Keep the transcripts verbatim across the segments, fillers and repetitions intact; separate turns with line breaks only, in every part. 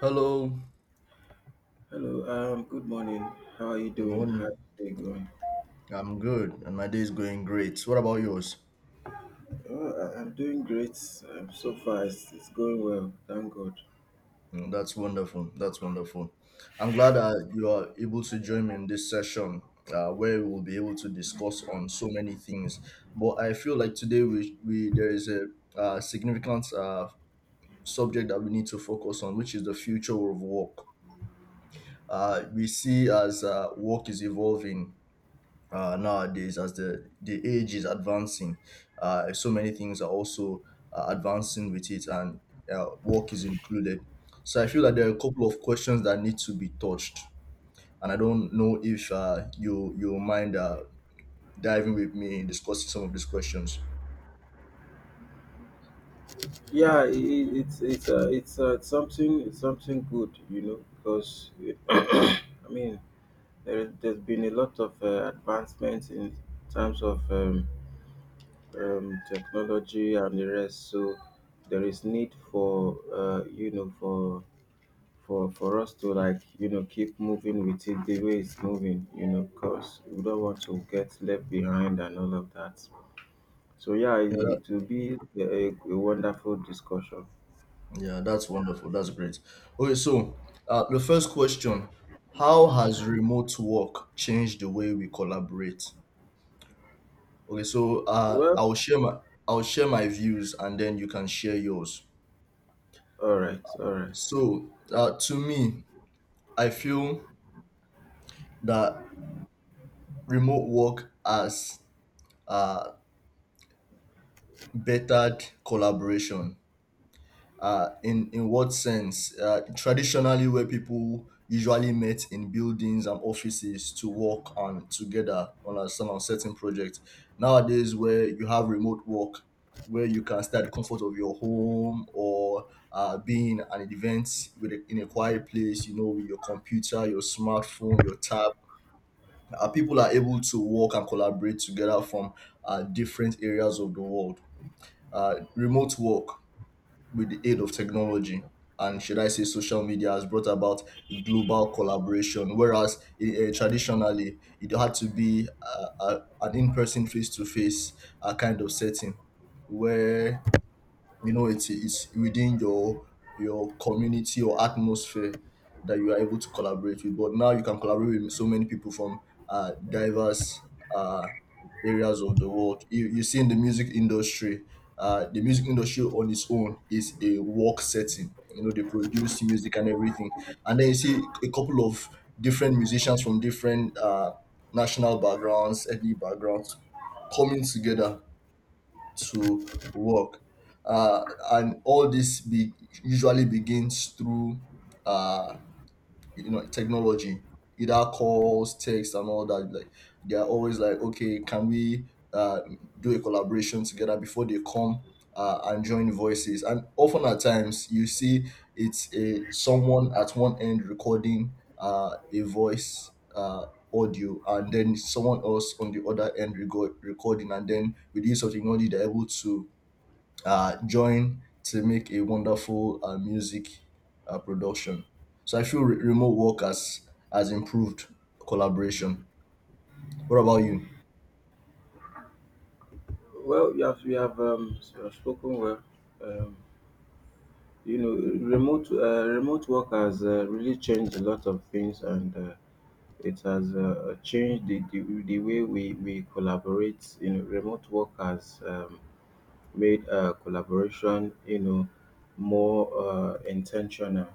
Hello,
Hello, um, good morning. How are you
good
doing? How's
morning.
the day going?
I'm good, and my day is going great. What about yours?
Oh, I, I'm doing great. Um, so far, it's, it's going well. Thank God.
Mm, That's wonderful. That's wonderful. I'm glad that you are able to join me in this session uh, where we will be able to discuss on so many things. But I feel like today we, we there is a uh, significant uh, subject that we need to focus on, which is the future of work. Uh, we see as uh, work is evolving uh, nowadays as the the age is advancing, uh, so many things are also uh, advancing with it, and uh, work is included. So I feel that there are a couple of questions that need to be touched, and I don't know if uh, you you mind uh, diving with me in discussing some of these questions.
Yeah, I I- it's it's uh, it's uh, something it's something good, you know, because I mean there, there's been a lot of uh, advancements in terms of um, um, technology and the rest. So there is need for uh, you know for for for us to like you know keep moving with it the way it's moving, you know, because we don't want to get left behind and all of that. So yeah, it,
yeah,
it will be a, a wonderful discussion.
that- yeah that's wonderful, that's great. Okay, so uh, the first question: how has remote work changed the way we collaborate? Okay, so uh,
Well,
I'll share my I'll share my views, and then you can share yours.
all right, all right.
So uh, to me, I feel that remote work has uh, bettered collaboration. Uh, in in what sense? Uh, traditionally, where people usually met in buildings and offices to work on together on a, some on certain project. Nowadays, where you have remote work, where you can stay at the comfort of your home, or uh, being at an event with a, in a quiet place, you know, with your computer, your smartphone, your tab. Uh, people are able to work and collaborate together from uh, different areas of the world. Uh, remote work, with the aid of technology and should I say social media, has brought about global collaboration. Whereas eh, eh, traditionally it had to be uh, uh, an in person face to face kind of setting where you know it's it's within your your community or atmosphere that you are able to collaborate with, but now you can collaborate with so many people from uh, diverse uh, areas of the world. you, you see in the music industry, uh, the music industry on its own is a work setting, you know they produce music and everything, and then you see a couple of different musicians from different uh, national backgrounds, ethnic backgrounds, coming together to work. Uh, and all this be- usually begins through uh, you know technology, either calls, texts and all that, like they are always like, okay, can we uh, do a collaboration together before they come uh, and join voices. And often at times you see it's a someone at one end recording uh, a voice uh, audio, and then someone else on the other end record, recording, and then with the use of technology they're able to uh, join to make a wonderful uh, music uh, production. So I feel re- remote work has, has improved collaboration. What about you?
Well, you have you have um s- uh, spoken well. um you know, remote uh, remote work has uh, really changed a lot of things, and uh, it has uh, changed the, the, the way we, we collaborate. You know, remote work has um, made uh, collaboration, you know, more uh, intentional.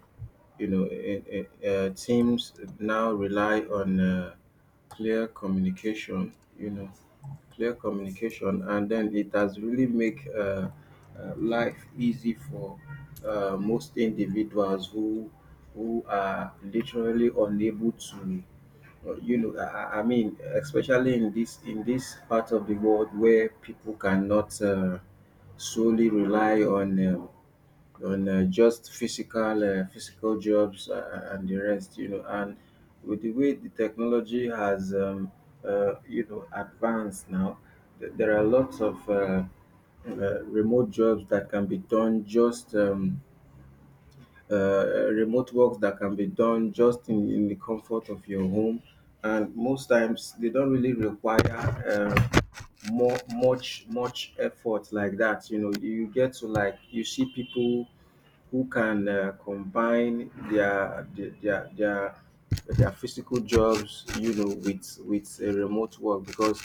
You know, eh, eh, uh, teams now rely on uh, clear communication. You know, clear communication, and then it has really make uh, uh, life easy for uh, most individuals who who are literally unable to uh, you know i i I mean, especially in this in this part of the world where people cannot uh, solely rely on uh, on uh, just physical uh, physical jobs uh, and the rest, you know. And with the way the technology has um, uh, you know advanced now, th- there are lots of uh, uh, remote jobs that can be done just um, uh, remote work that can be done just in, in the comfort of your home. And most times they don't really require uh, more much much effort like that. You know, you get to like you see people who can uh, combine their their their, their their physical jobs, you know, with with a remote work because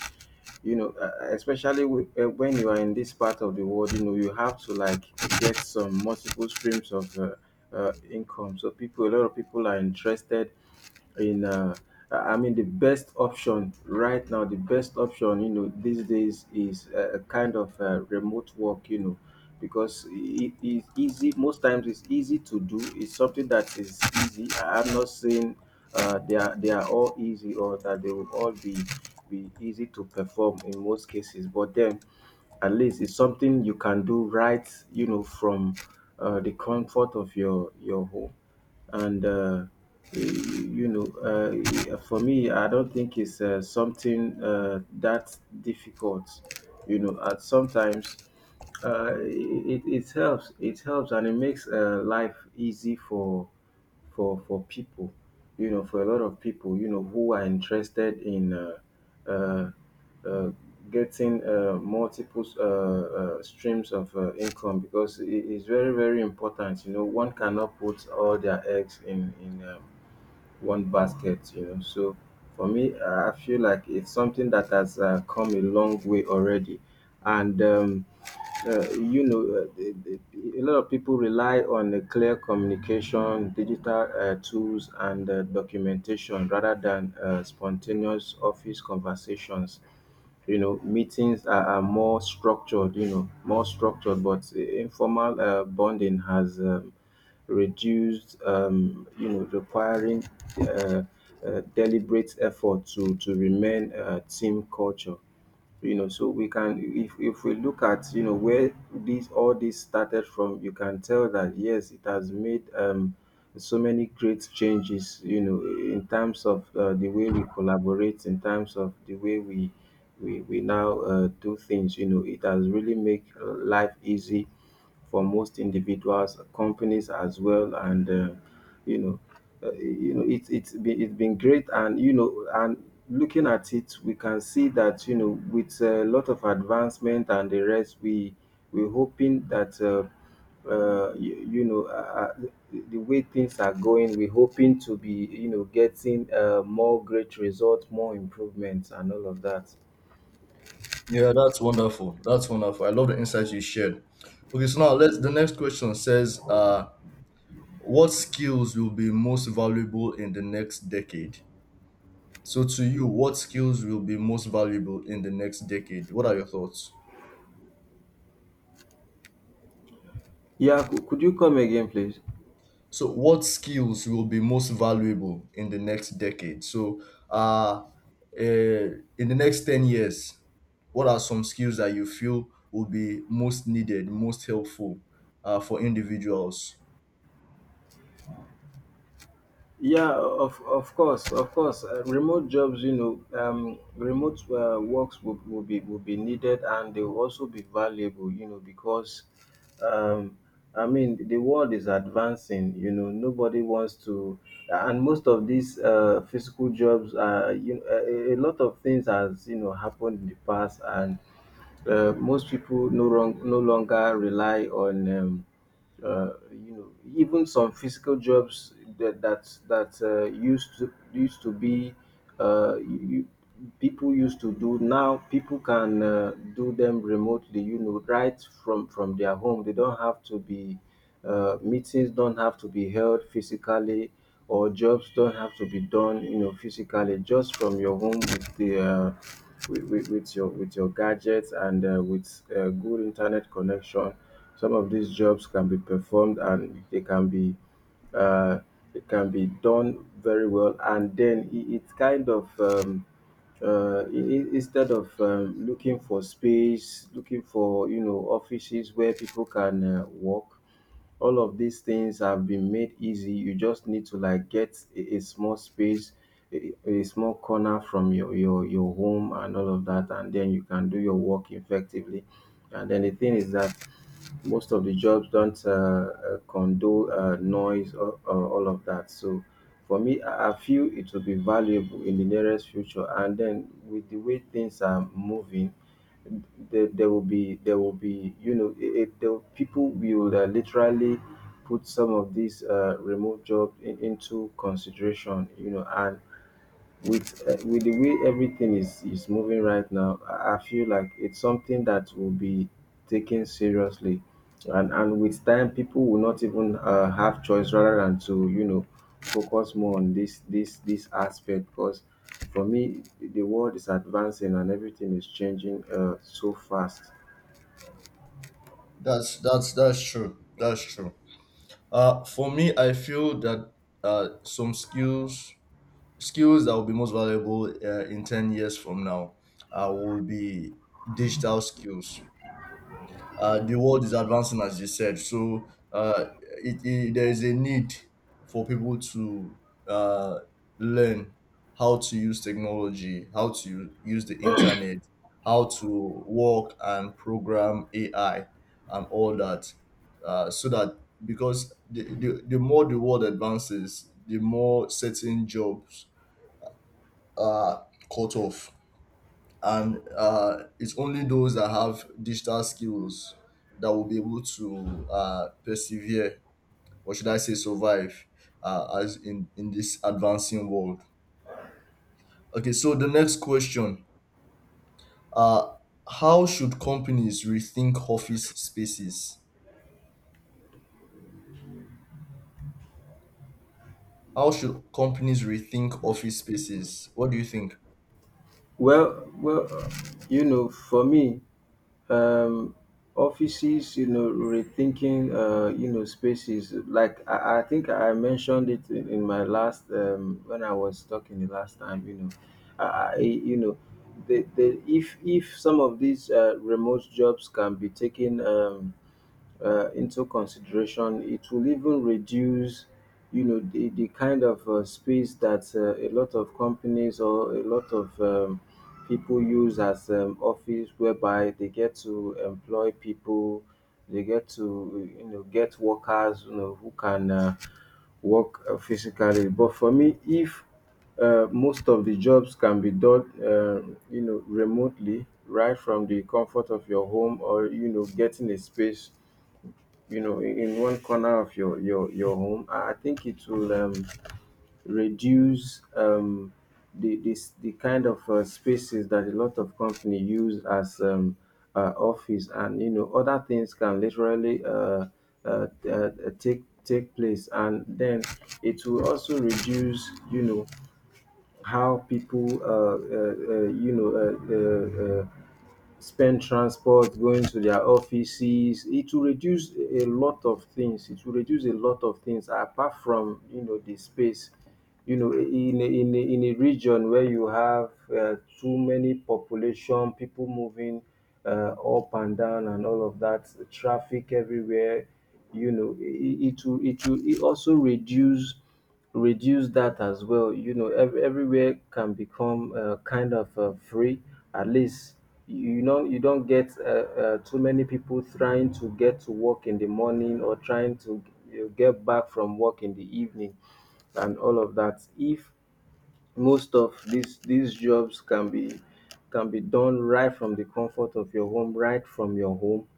you know, uh, uh, especially with, uh, when you are in this part of the world, you know, you have to like get some multiple streams of uh, uh, income. So people, a lot of people are interested in. Uh, uh, I mean, the best option right now, the best option, you know, these days is a, a kind of uh, remote work, you know, because it is easy. Most times, it's easy to do. It's something that is easy. I- I'm not saying uh, they are they are all easy or that they will all be be easy to perform in most cases, but then at least it's something you can do right, you know, from uh, the comfort of your your home. And uh, you know, uh, for me, I don't think it's uh, something uh, that difficult, you know. At sometimes uh, it, it helps, it helps, and it makes uh, life easy for for for people, you know, for a lot of people, you know, who are interested in uh, uh, uh, getting uh, multiple uh, uh, streams of uh, income, because it is very very important, you know. One cannot put all their eggs in in um, one basket, you know. So for me, I feel like it's something that has uh, come a long way already. And um, uh, you know, uh, the, the, a lot of people rely on a clear communication, digital uh, tools, and uh, documentation rather than uh, spontaneous office conversations. You know, meetings are, are more structured, you know, more structured, but informal uh, bonding has um, reduced, um, you know, requiring uh, uh, deliberate effort to, to remain uh, team culture, you know. So we can if if we look at, you know, where this all this started from, you can tell that yes, it has made um so many great changes, you know, in terms of uh, the way we collaborate, in terms of the way we we, we now uh, do things, you know. It has really made uh, life easy for most individuals, companies as well, and uh, you know, uh, you know, it's it's been it's been great. And you know, and looking at it, we can see that, you know, with a lot of advancement and the rest, we we're hoping that. Uh, uh, you, you know, uh, uh, the the way things are going, we're hoping to be, you know, getting uh, more great results, more improvements, and all of that.
Yeah, that's wonderful. That's wonderful. I love the insights you shared. Okay, so now let's. The next question says, uh, "What skills will be most valuable in the next decade?" So, to you, what skills will be most valuable in the next decade? What are your thoughts?
Yeah, cou- could you come again, please?
So, what skills will be most valuable in the next decade? So, uh, uh, in the next ten years, what are some skills that you feel will be most needed, most helpful uh, for individuals?
Yeah, of of course, of course. Uh, remote jobs, you know, um, remote uh, works will, will be will be needed, and they will also be valuable, you know, because um, I mean, the world is advancing. You know, nobody wants to, and most of these uh, physical jobs are, you know, a, a lot of things has you know happened in the past. And uh, most people no wrong, no longer rely on. Um, uh, you know, even some physical jobs that that that uh, used to used to be uh, you, people used to do, now people can uh, do them remotely, you know, right from from their home. They don't have to be uh, meetings don't have to be held physically, or jobs don't have to be done, you know, physically, just from your home. With the uh, with, with, with your with your gadgets, and uh, with uh, good internet connection, some of these jobs can be performed, and they can be uh, it can be done very well. And then it, it kind of um, uh, i- i- instead of um, looking for space, looking for, you know, offices where people can uh, work, all of these things have been made easy. You just need to like get a, a small space, a, a small corner from your, your your home and all of that, and then you can do your work effectively. And then the thing is that most of the jobs don't uh, uh, condone uh, noise or, or all of that. So for me, I I feel it will be valuable in the nearest future. And then with the way things are moving, there, there will be there will be you know it, it the people will uh, literally put some of these uh, remote jobs in, into consideration, you know. And with uh, with the way everything is is moving right now, I I feel like it's something that will be taken seriously. and and with time, people will not even uh, have choice rather than to, you know, focus more on this this this aspect because for me the world is advancing and everything is changing uh, so fast.
That's that's that's true. That's true. Uh, for me, I feel that uh, some skills skills that will be most valuable uh, in ten years from now uh, will be digital skills. Uh, the world is advancing, as you said, so uh, it, it, there is a need for people to uh, learn how to use technology, how to use the internet, how to work and program AI and all that, uh, so that, because the, the, the more the world advances, the more certain jobs are cut off, and uh, it's only those that have digital skills that will be able to uh, persevere, or should I say survive, uh, as in, in this advancing world. Okay, so the next question: uh, how should companies rethink office spaces? How should companies rethink office spaces? What do you think?
Well, well, uh, you know, for me, um, offices, you know, rethinking, uh, you know, spaces. Like I, I think I mentioned it in, in my last um, when I was talking the last time. You know, I, I you know, the, the if if some of these uh, remote jobs can be taken Um, uh, into consideration, it will even reduce, you know, the, the kind of uh, space that uh, a lot of companies or a lot of um, people use as um, office, whereby they get to employ people, they get to, you know, get workers, you know, who can uh, work uh, physically. But for me, if uh, most of the jobs can be done, uh, you know, remotely, right from the comfort of your home, or, you know, getting a space, you know, in in one corner of your your your home, i I think it will um, reduce um, the this the kind of uh, spaces that a lot of company use as um, uh, office. And you know other things can literally uh, uh, uh, take take place. And then it will also reduce, you know, how people uh, uh, uh, you know uh, uh, uh, spend transport going to their offices. It will reduce a lot of things, it will reduce a lot of things apart from, you know, the space. You know, in a, in a, in a region where you have uh, too many population, people moving uh, up and down and all of that, traffic everywhere, you know, it, it will it will it also reduce reduce that as well. You know, ev- everywhere can become uh, kind of uh, free. At least, you know, you don't get uh, uh, too many people trying to get to work in the morning or trying to, you know, get back from work in the evening and all of that. If most of these these jobs can be can be done right from the comfort of your home, right from your home,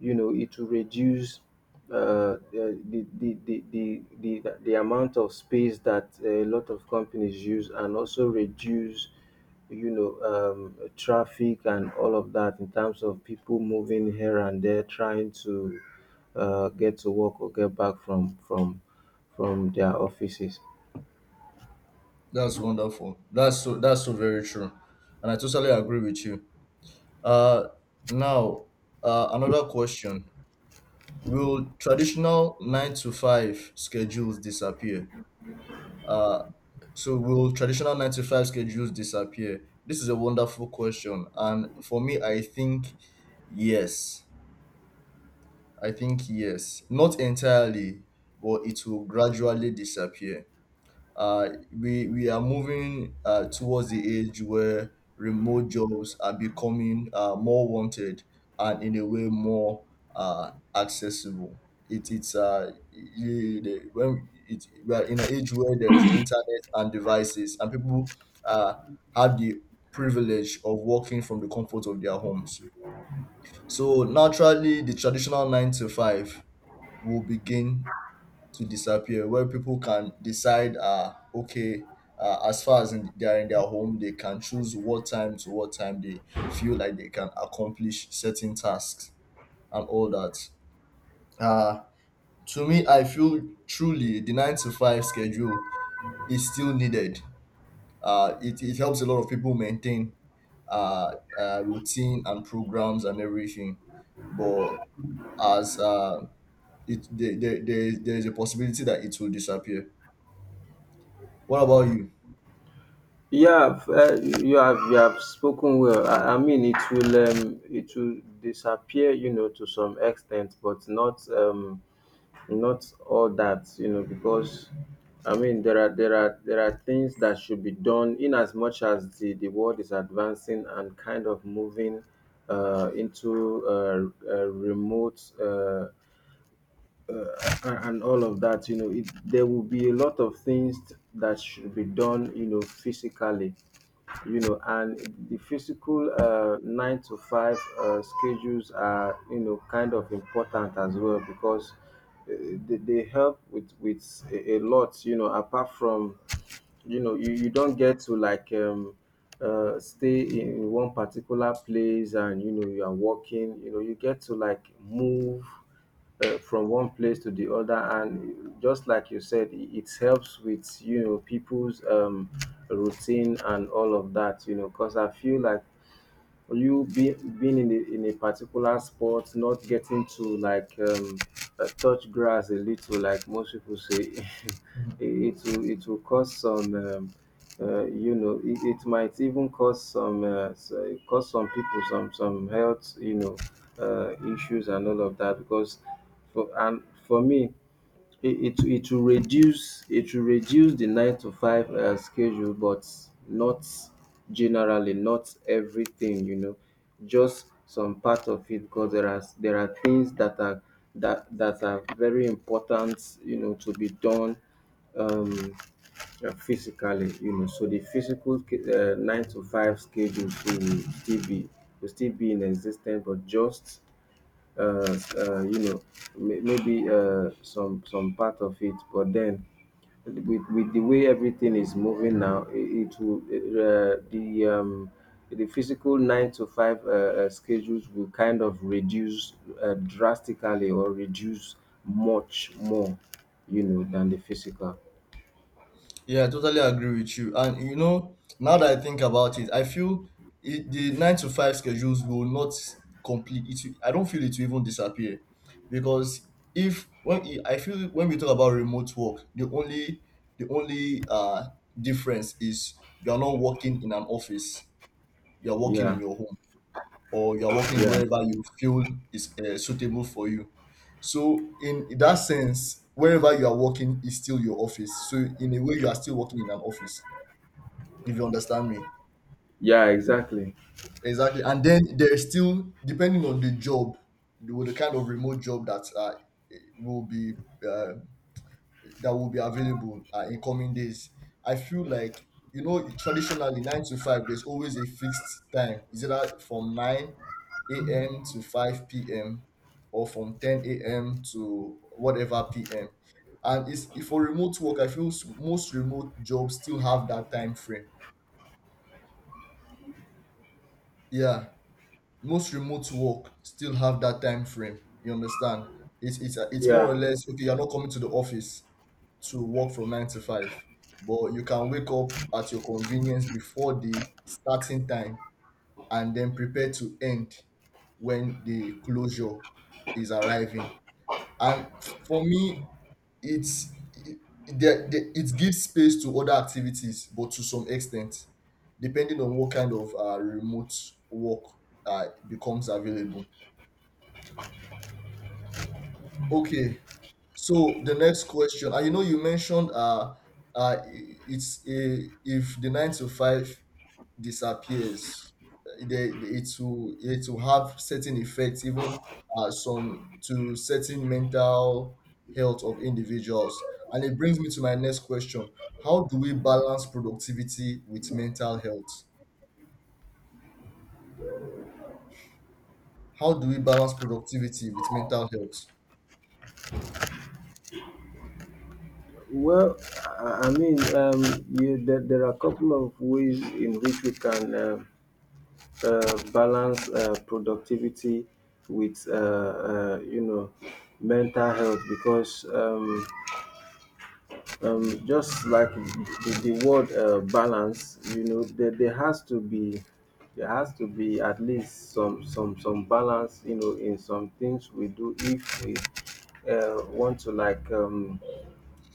you know it will reduce uh, the, the, the, the, the, the amount of space that a lot of companies use and also reduce you know um, traffic and all of that in terms of people moving here and there trying to uh, get to work or get back from from from their offices.
That's wonderful, that's so that's so very true, and I totally agree with you. uh, Now, uh, another question. Will traditional nine to five schedules disappear? Uh, so will traditional nine to five schedules disappear? This is a wonderful question, and for me, I think yes. I think yes, not entirely, but it will gradually disappear. Uh, we we are moving uh, towards the age where remote jobs are becoming uh, more wanted, and in a way more uh, accessible. It, it's uh, you, the, when it, we are in an age where there is internet and devices, and people uh, have the privilege of working from the comfort of their homes. So naturally, the traditional nine to five will begin to disappear, where people can decide, uh, okay, uh, as far as in, they are in their home, they can choose what time to what time they feel like they can accomplish certain tasks and all that. uh to me, I feel truly the nine to five schedule is still needed. Uh it, it helps a lot of people maintain uh, uh routine and programs and everything. But as uh it there, there, there is there is a possibility that it will disappear. What about you?
Yeah. F- uh, you have you have spoken well. I, I mean it will um, it will disappear, you know, to some extent, but not um, not all that, you know, because I mean there are there are there are things that should be done. In as much as the, the world is advancing and kind of moving uh, into uh, uh, remote, uh, uh, and and all of that, you know, it, there will be a lot of things t- that should be done, you know, physically, you know. And the physical uh, nine to five uh, schedules are, you know, kind of important as well, because uh, they, they help with with a, a lot, you know, apart from you know you you don't get to, like, um uh stay in one particular place. And you know you are walking, you know, you get to, like, move uh, from one place to the other. And just like you said, it it helps with, you know, people's um routine and all of that, you know, because I feel like or you be, being in a, in a particular sport, not getting to, like, um, uh, touch grass a little, like most people say, it,
Mhm.
it will it will cause some, um, uh, you know, it, it might even cause some uh, s- uh, cause some people some some health, you know, uh, issues and all of that. Because for and for me it it it will reduce, it will reduce the nine to five uh, schedule, but not generally, not everything, you know, just some part of it. Because there are there are things that are that that are very important, you know, to be done, um uh, physically, you know. So the physical sch- uh, nine to five schedule will still be, will still be in existence, but just uh, uh, you know, may- maybe uh, some some part of it. But then, with with the way everything is moving now, it, it will uh, the um, the physical nine to five uh, uh, schedules will kind of reduce uh, drastically, or reduce much more, you know, than the physical.
Yeah, I totally agree with you. And you know, now that I think about it, I feel it, the nine to five schedules will not complete. It, will- I don't feel it will even disappear, because if when it- I feel when we talk about remote work, the only the only uh difference is you are not working in an office. You are working in
Yeah,
your home, or you're working
yeah,
wherever you feel is uh, suitable for you. So, in that sense, wherever you are working is still your office. So, in a way, you are still working in an office, if you understand me.
yeah, exactly.
Exactly. And then there is still, depending on the job, the, the kind of remote job that uh, will be uh, that will be available uh, in coming days. I feel like you know traditionally nine to five, there's always a fixed time. Is it that from nine a m to five p m or from ten a m to whatever p m? And it's if for remote work, I feel s- most remote jobs still have that time frame. Yeah, most remote work still have that time frame, you understand. It's it's it's more or
Yeah.
less okay, you're not coming to the office to work from nine to five, but you can wake up at your convenience before the starting time and then prepare to end when the closure is arriving. And for me, it's it, there, there- it gives space to other activities, but to some extent depending on what kind of uh, remote work uh, becomes available. Okay, so the next question. And you know you mentioned uh, uh it's a, if the nine to five disappears, eh, they, it will it will have certain effects, even uh, some to certain mental health of individuals, and it brings me to my next question: how do we balance productivity with mental health? How do we balance productivity with mental health?
Well, I I mean, um, you, there, there are a couple of ways in which we can uh, uh, balance uh, productivity with uh, uh, you know, mental health. Because um, um, just like the, the word uh, balance, you know, there, there has to be, there has to be at least some some some balance, you know, in some things we do. If we uh, want to, like, um,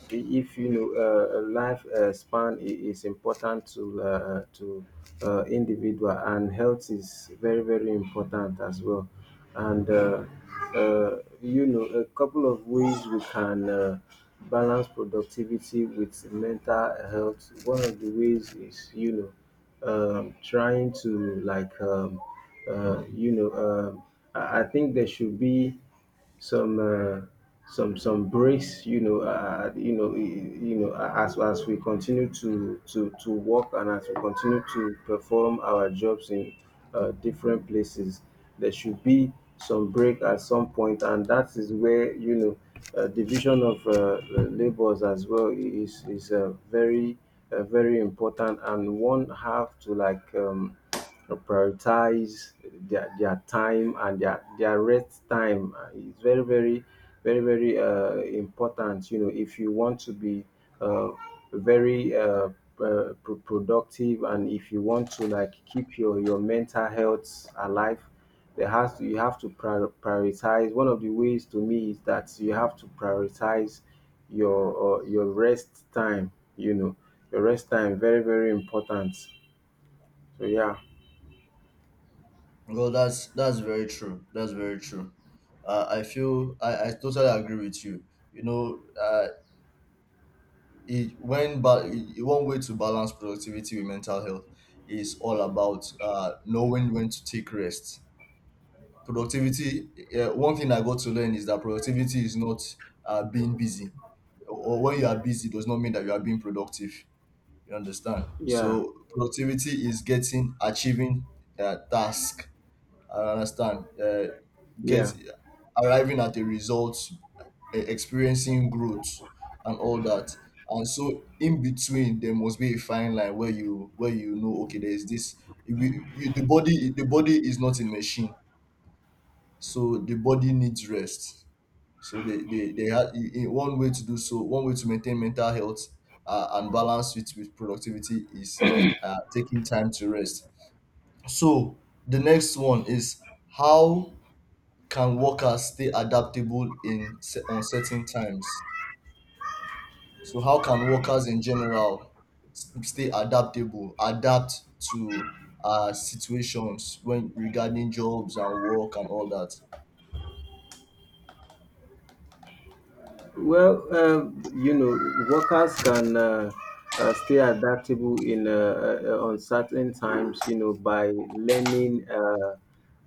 if you know uh, a life uh, span i- is important to uh, uh, to uh, individual, and health is very very important as well. And uh, uh, you know, a couple of ways we can uh, balance productivity with mental health. One of the ways is, you know, um, trying to, like, um, uh, you know, um, I I think there should be some uh, some some breaks. You know, uh, you know, i- you know, as as we continue to to to work, and as we continue to perform our jobs in uh, different places, there should be some break at some point. And that is where, you know, uh, division of uh, labors as well is is uh, very uh, very important. And one have to, like, um, uh, prioritize their their time, and their their rest time uh, is very very very very uh, important. You know, if you want to be uh, very uh, uh, pro- productive, and if you want to, like, keep your your mental health alive, there has to, you have to prior- prioritize. One of the ways to me is that you have to prioritize your uh, your rest time, you know. Your rest time, very very important. So yeah.
Well, that's that's very true. That's very true. Uh, I feel I, I totally agree with you. You know, uh, it, when but one way to balance productivity with mental health is all about uh, knowing when to take rest. Productivity. Uh, one thing I got to learn is that productivity is not uh, being busy, or when you are busy does not mean that you are being productive. You understand?
Yeah.
So productivity is getting, achieving uh, task. I understand. Uh, get,
Yeah.
arriving at a result, e- experiencing growth and all that. And so in between there must be a fine line where you, where you know okay, there is this you, you, the body, the body is not a machine, so the body needs rest. So they they, they had I- I- one way to do, so one way to maintain mental health uh, and balance it with productivity is uh, taking time to rest. So the next one is: how can workers stay adaptable in se- uncertain times? So how can workers in general s- stay adaptable, adapt to uh situations when regarding jobs and work and all that?
Well, uh, you know, workers can uh, uh, stay adaptable in uh, uh, uncertain times, you know, by learning uh,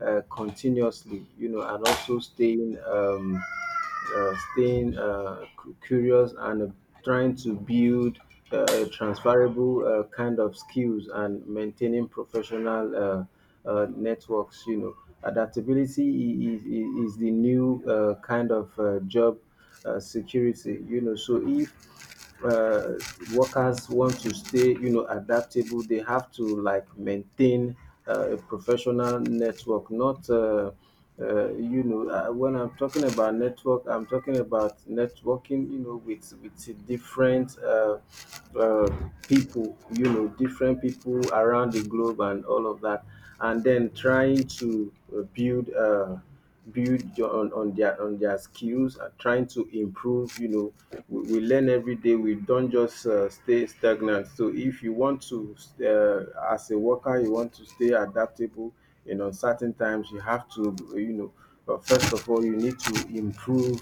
uh, continuously, you know, and also staying um, uh, staying uh, cu- curious, and uh, trying to build uh, transferable uh, kind of skills, and maintaining professional uh, uh, networks. You know, adaptability i- i- i- is the new uh, kind of uh, job uh, security. You know, so if uh, workers want to stay, you know, adaptable, they have to, like, maintain uh, a professional network. Not. Uh, uh, you know, uh, when I'm talking about network, I'm talking about networking. You know, with with different uh, uh, people. You know, different people around the globe and all of that, and then trying to uh, build. Uh, build your- on, on their on their skills, and trying to improve. You know, we, we learn every day, we don't just uh, stay stagnant. So if you want to, uh, as a worker, you want to stay adaptable in uncertain times, you have to, you know, uh, first of all, you need to improve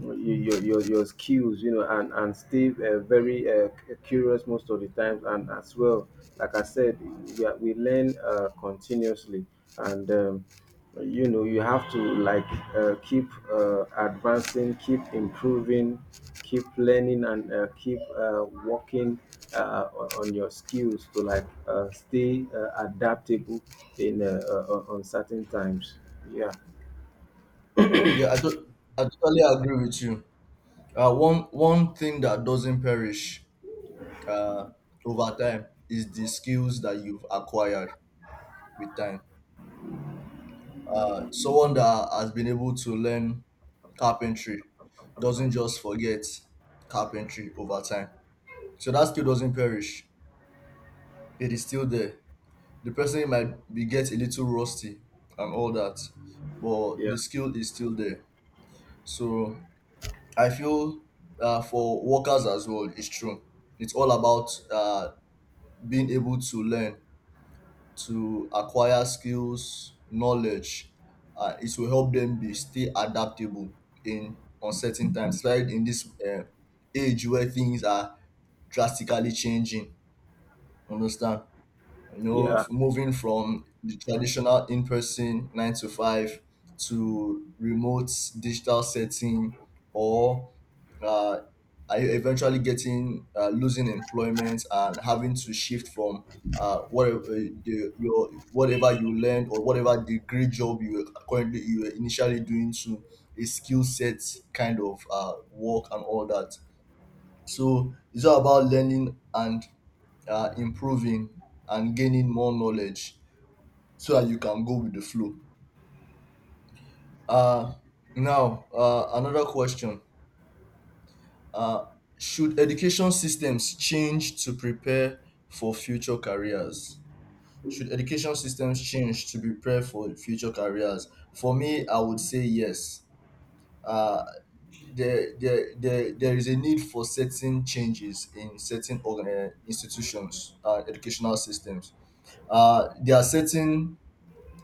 your your, your, your skills, you know. and and stay uh, very uh, cu- curious most of the times. And as well, like I said, we, are, we learn uh, continuously. And um, uh, you know, you have to, like, uh, keep uh, advancing, keep improving, keep learning, and uh, keep uh, working uh, on on your skills to, like, uh, stay uh, adaptable in uh, uh, on certain times. yeah
Yeah, I, to- I totally agree with you. Uh, one one thing that doesn't perish uh, over time is the skills that you've acquired with time. Uh, someone that has been able to learn carpentry doesn't just forget carpentry over time. So that skill doesn't perish; it is still there. The person might be get a little rusty and all that, but
yeah
the skill is still there. So I feel uh, for workers as well, it's true. It's all about uh, being able to learn, to acquire skills, knowledge. Uh, it will help them be stay adaptable in uncertain times, especially in this uh, age where things are drastically changing. Understand? You know,
yeah
f- moving from the traditional in person nine to five to remote digital setting, or uh, are you eventually getting uh, losing employment and having to shift from uh, whatever uh, the, your whatever you learned or whatever degree job you were currently, you were initially doing, to a skill set kind of uh, work and all that. So it's all about learning and uh, improving and gaining more knowledge so that you can go with the flow. Uh, Now, uh, another question. Uh, should education systems change to prepare for future careers? Should education systems change to prepare for future careers? For me, I would say yes. Uh, there, there, there, there is a need for certain changes in certain organ- uh, institutions, uh, educational systems. Uh, there are certain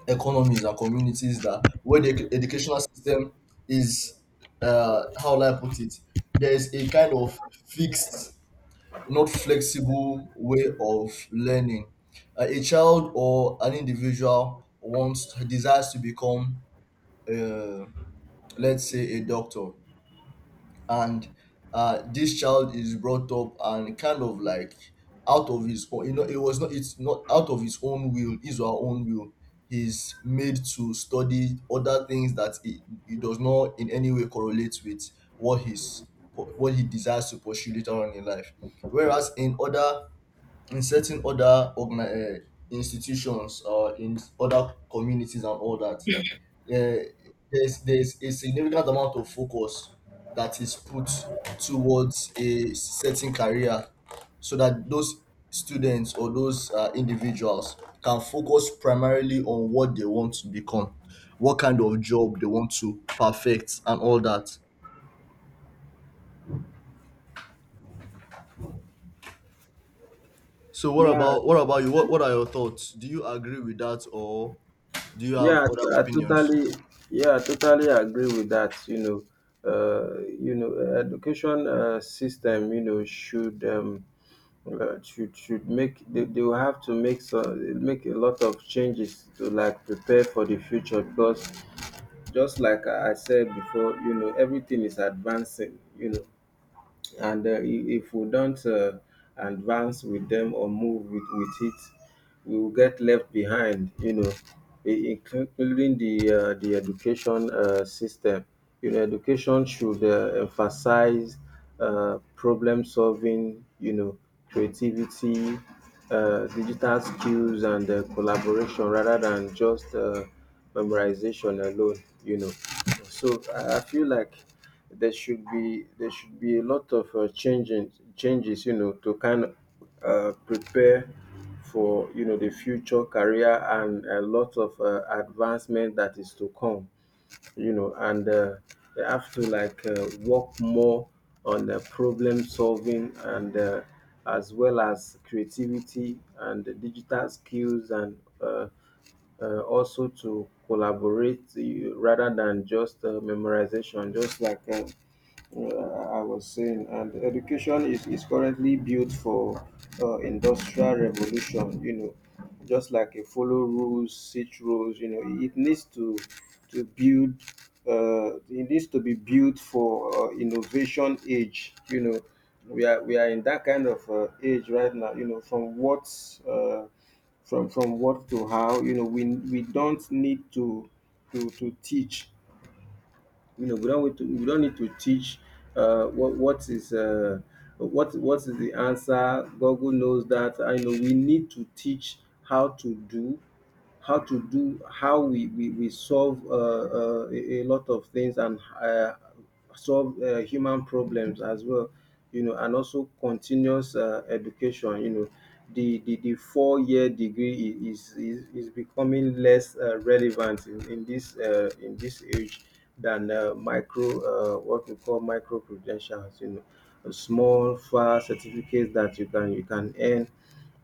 economies and communities that where the edu- educational system is uh how will I put it, there's a kind of fixed, not flexible, way of learning. Uh, a child or an individual wants, desires to become uh, let's say a doctor, and uh, this child is brought up and kind of like out of his own, you know it was not, it's not out of his own will, his or her own will, he's made to study other things that it. It does not in any way correlate with what his. What he desires to pursue later on in life, whereas in other, in certain other organi- uh, institutions or in other communities and all that, uh, there's there's a significant amount of focus that is put towards a certain career, so that those students or those uh, individuals can focus primarily on what they want to become, what kind of job they want to perfect and all that. So what
yeah
about what about you, what, what are your thoughts, do you agree with that or do you have
yeah i
other
I
opinions?
totally. Yeah, I totally agree with that. You know, uh, you know, education uh, system, you know, should um, uh, should should make, they, they will have to make so, make a lot of changes to, like, prepare for the future. Because just like I I said before, you know, everything is advancing, you know. And uh, i- if we don't uh, advance with them, or move with with it, we will get left behind, you know, i- including the uh, the education uh, system. You know, education should uh, emphasize uh, problem solving, you know, creativity, uh, digital skills, and uh, collaboration, rather than just uh, memorization alone. You know, so I I feel like there should be, there should be a lot of uh, changing changes, you know, to kind of uh, prepare for, you know, the future career and a lot of uh, advancement that is to come, you know. And uh, they have to, like, uh, work more on the problem solving, and uh, as well as creativity and the digital skills, and uh, uh, also to collaborate, uh, rather than just uh, memorization. Just like uh, uh, I was saying, and education is, is currently built for uh, industrial revolution. You know, just like a follow rules, sit rules. You know, it needs to to build. Uh, it needs to be built for uh, innovation age. You know, we are we are in that kind of uh, age right now. You know, from what uh, from from what to how. You know, we we don't need to to to teach, you know, we don't need to, we don't need to teach uh, what what is uh, what what is the answer. Google knows that. I know we need to teach how to do, how to do how we we, we solve uh, uh, a, a lot of things, and uh, solve uh, human problems as well. You know, and also continuous uh, education. You know, the the, the four year degree i- is, is is becoming less uh, relevant in, in this uh, in this age than uh, micro, uh, what we call micro credentials, you know. A small far certificates that you can you can earn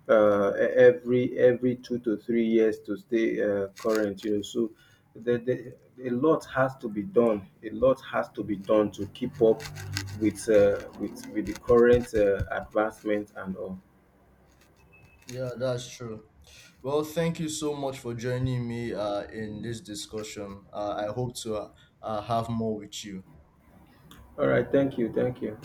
uh, e- every every two to three years to stay uh, current. You know, so the, the, a lot has to be done. A lot has to be done to keep up with uh, with with the current uh, advancement and all.
Yeah, that's true. Well, thank you so much for joining me uh, in this discussion. Uh, I hope to uh, uh, have more with you.
All right, thank you, thank you.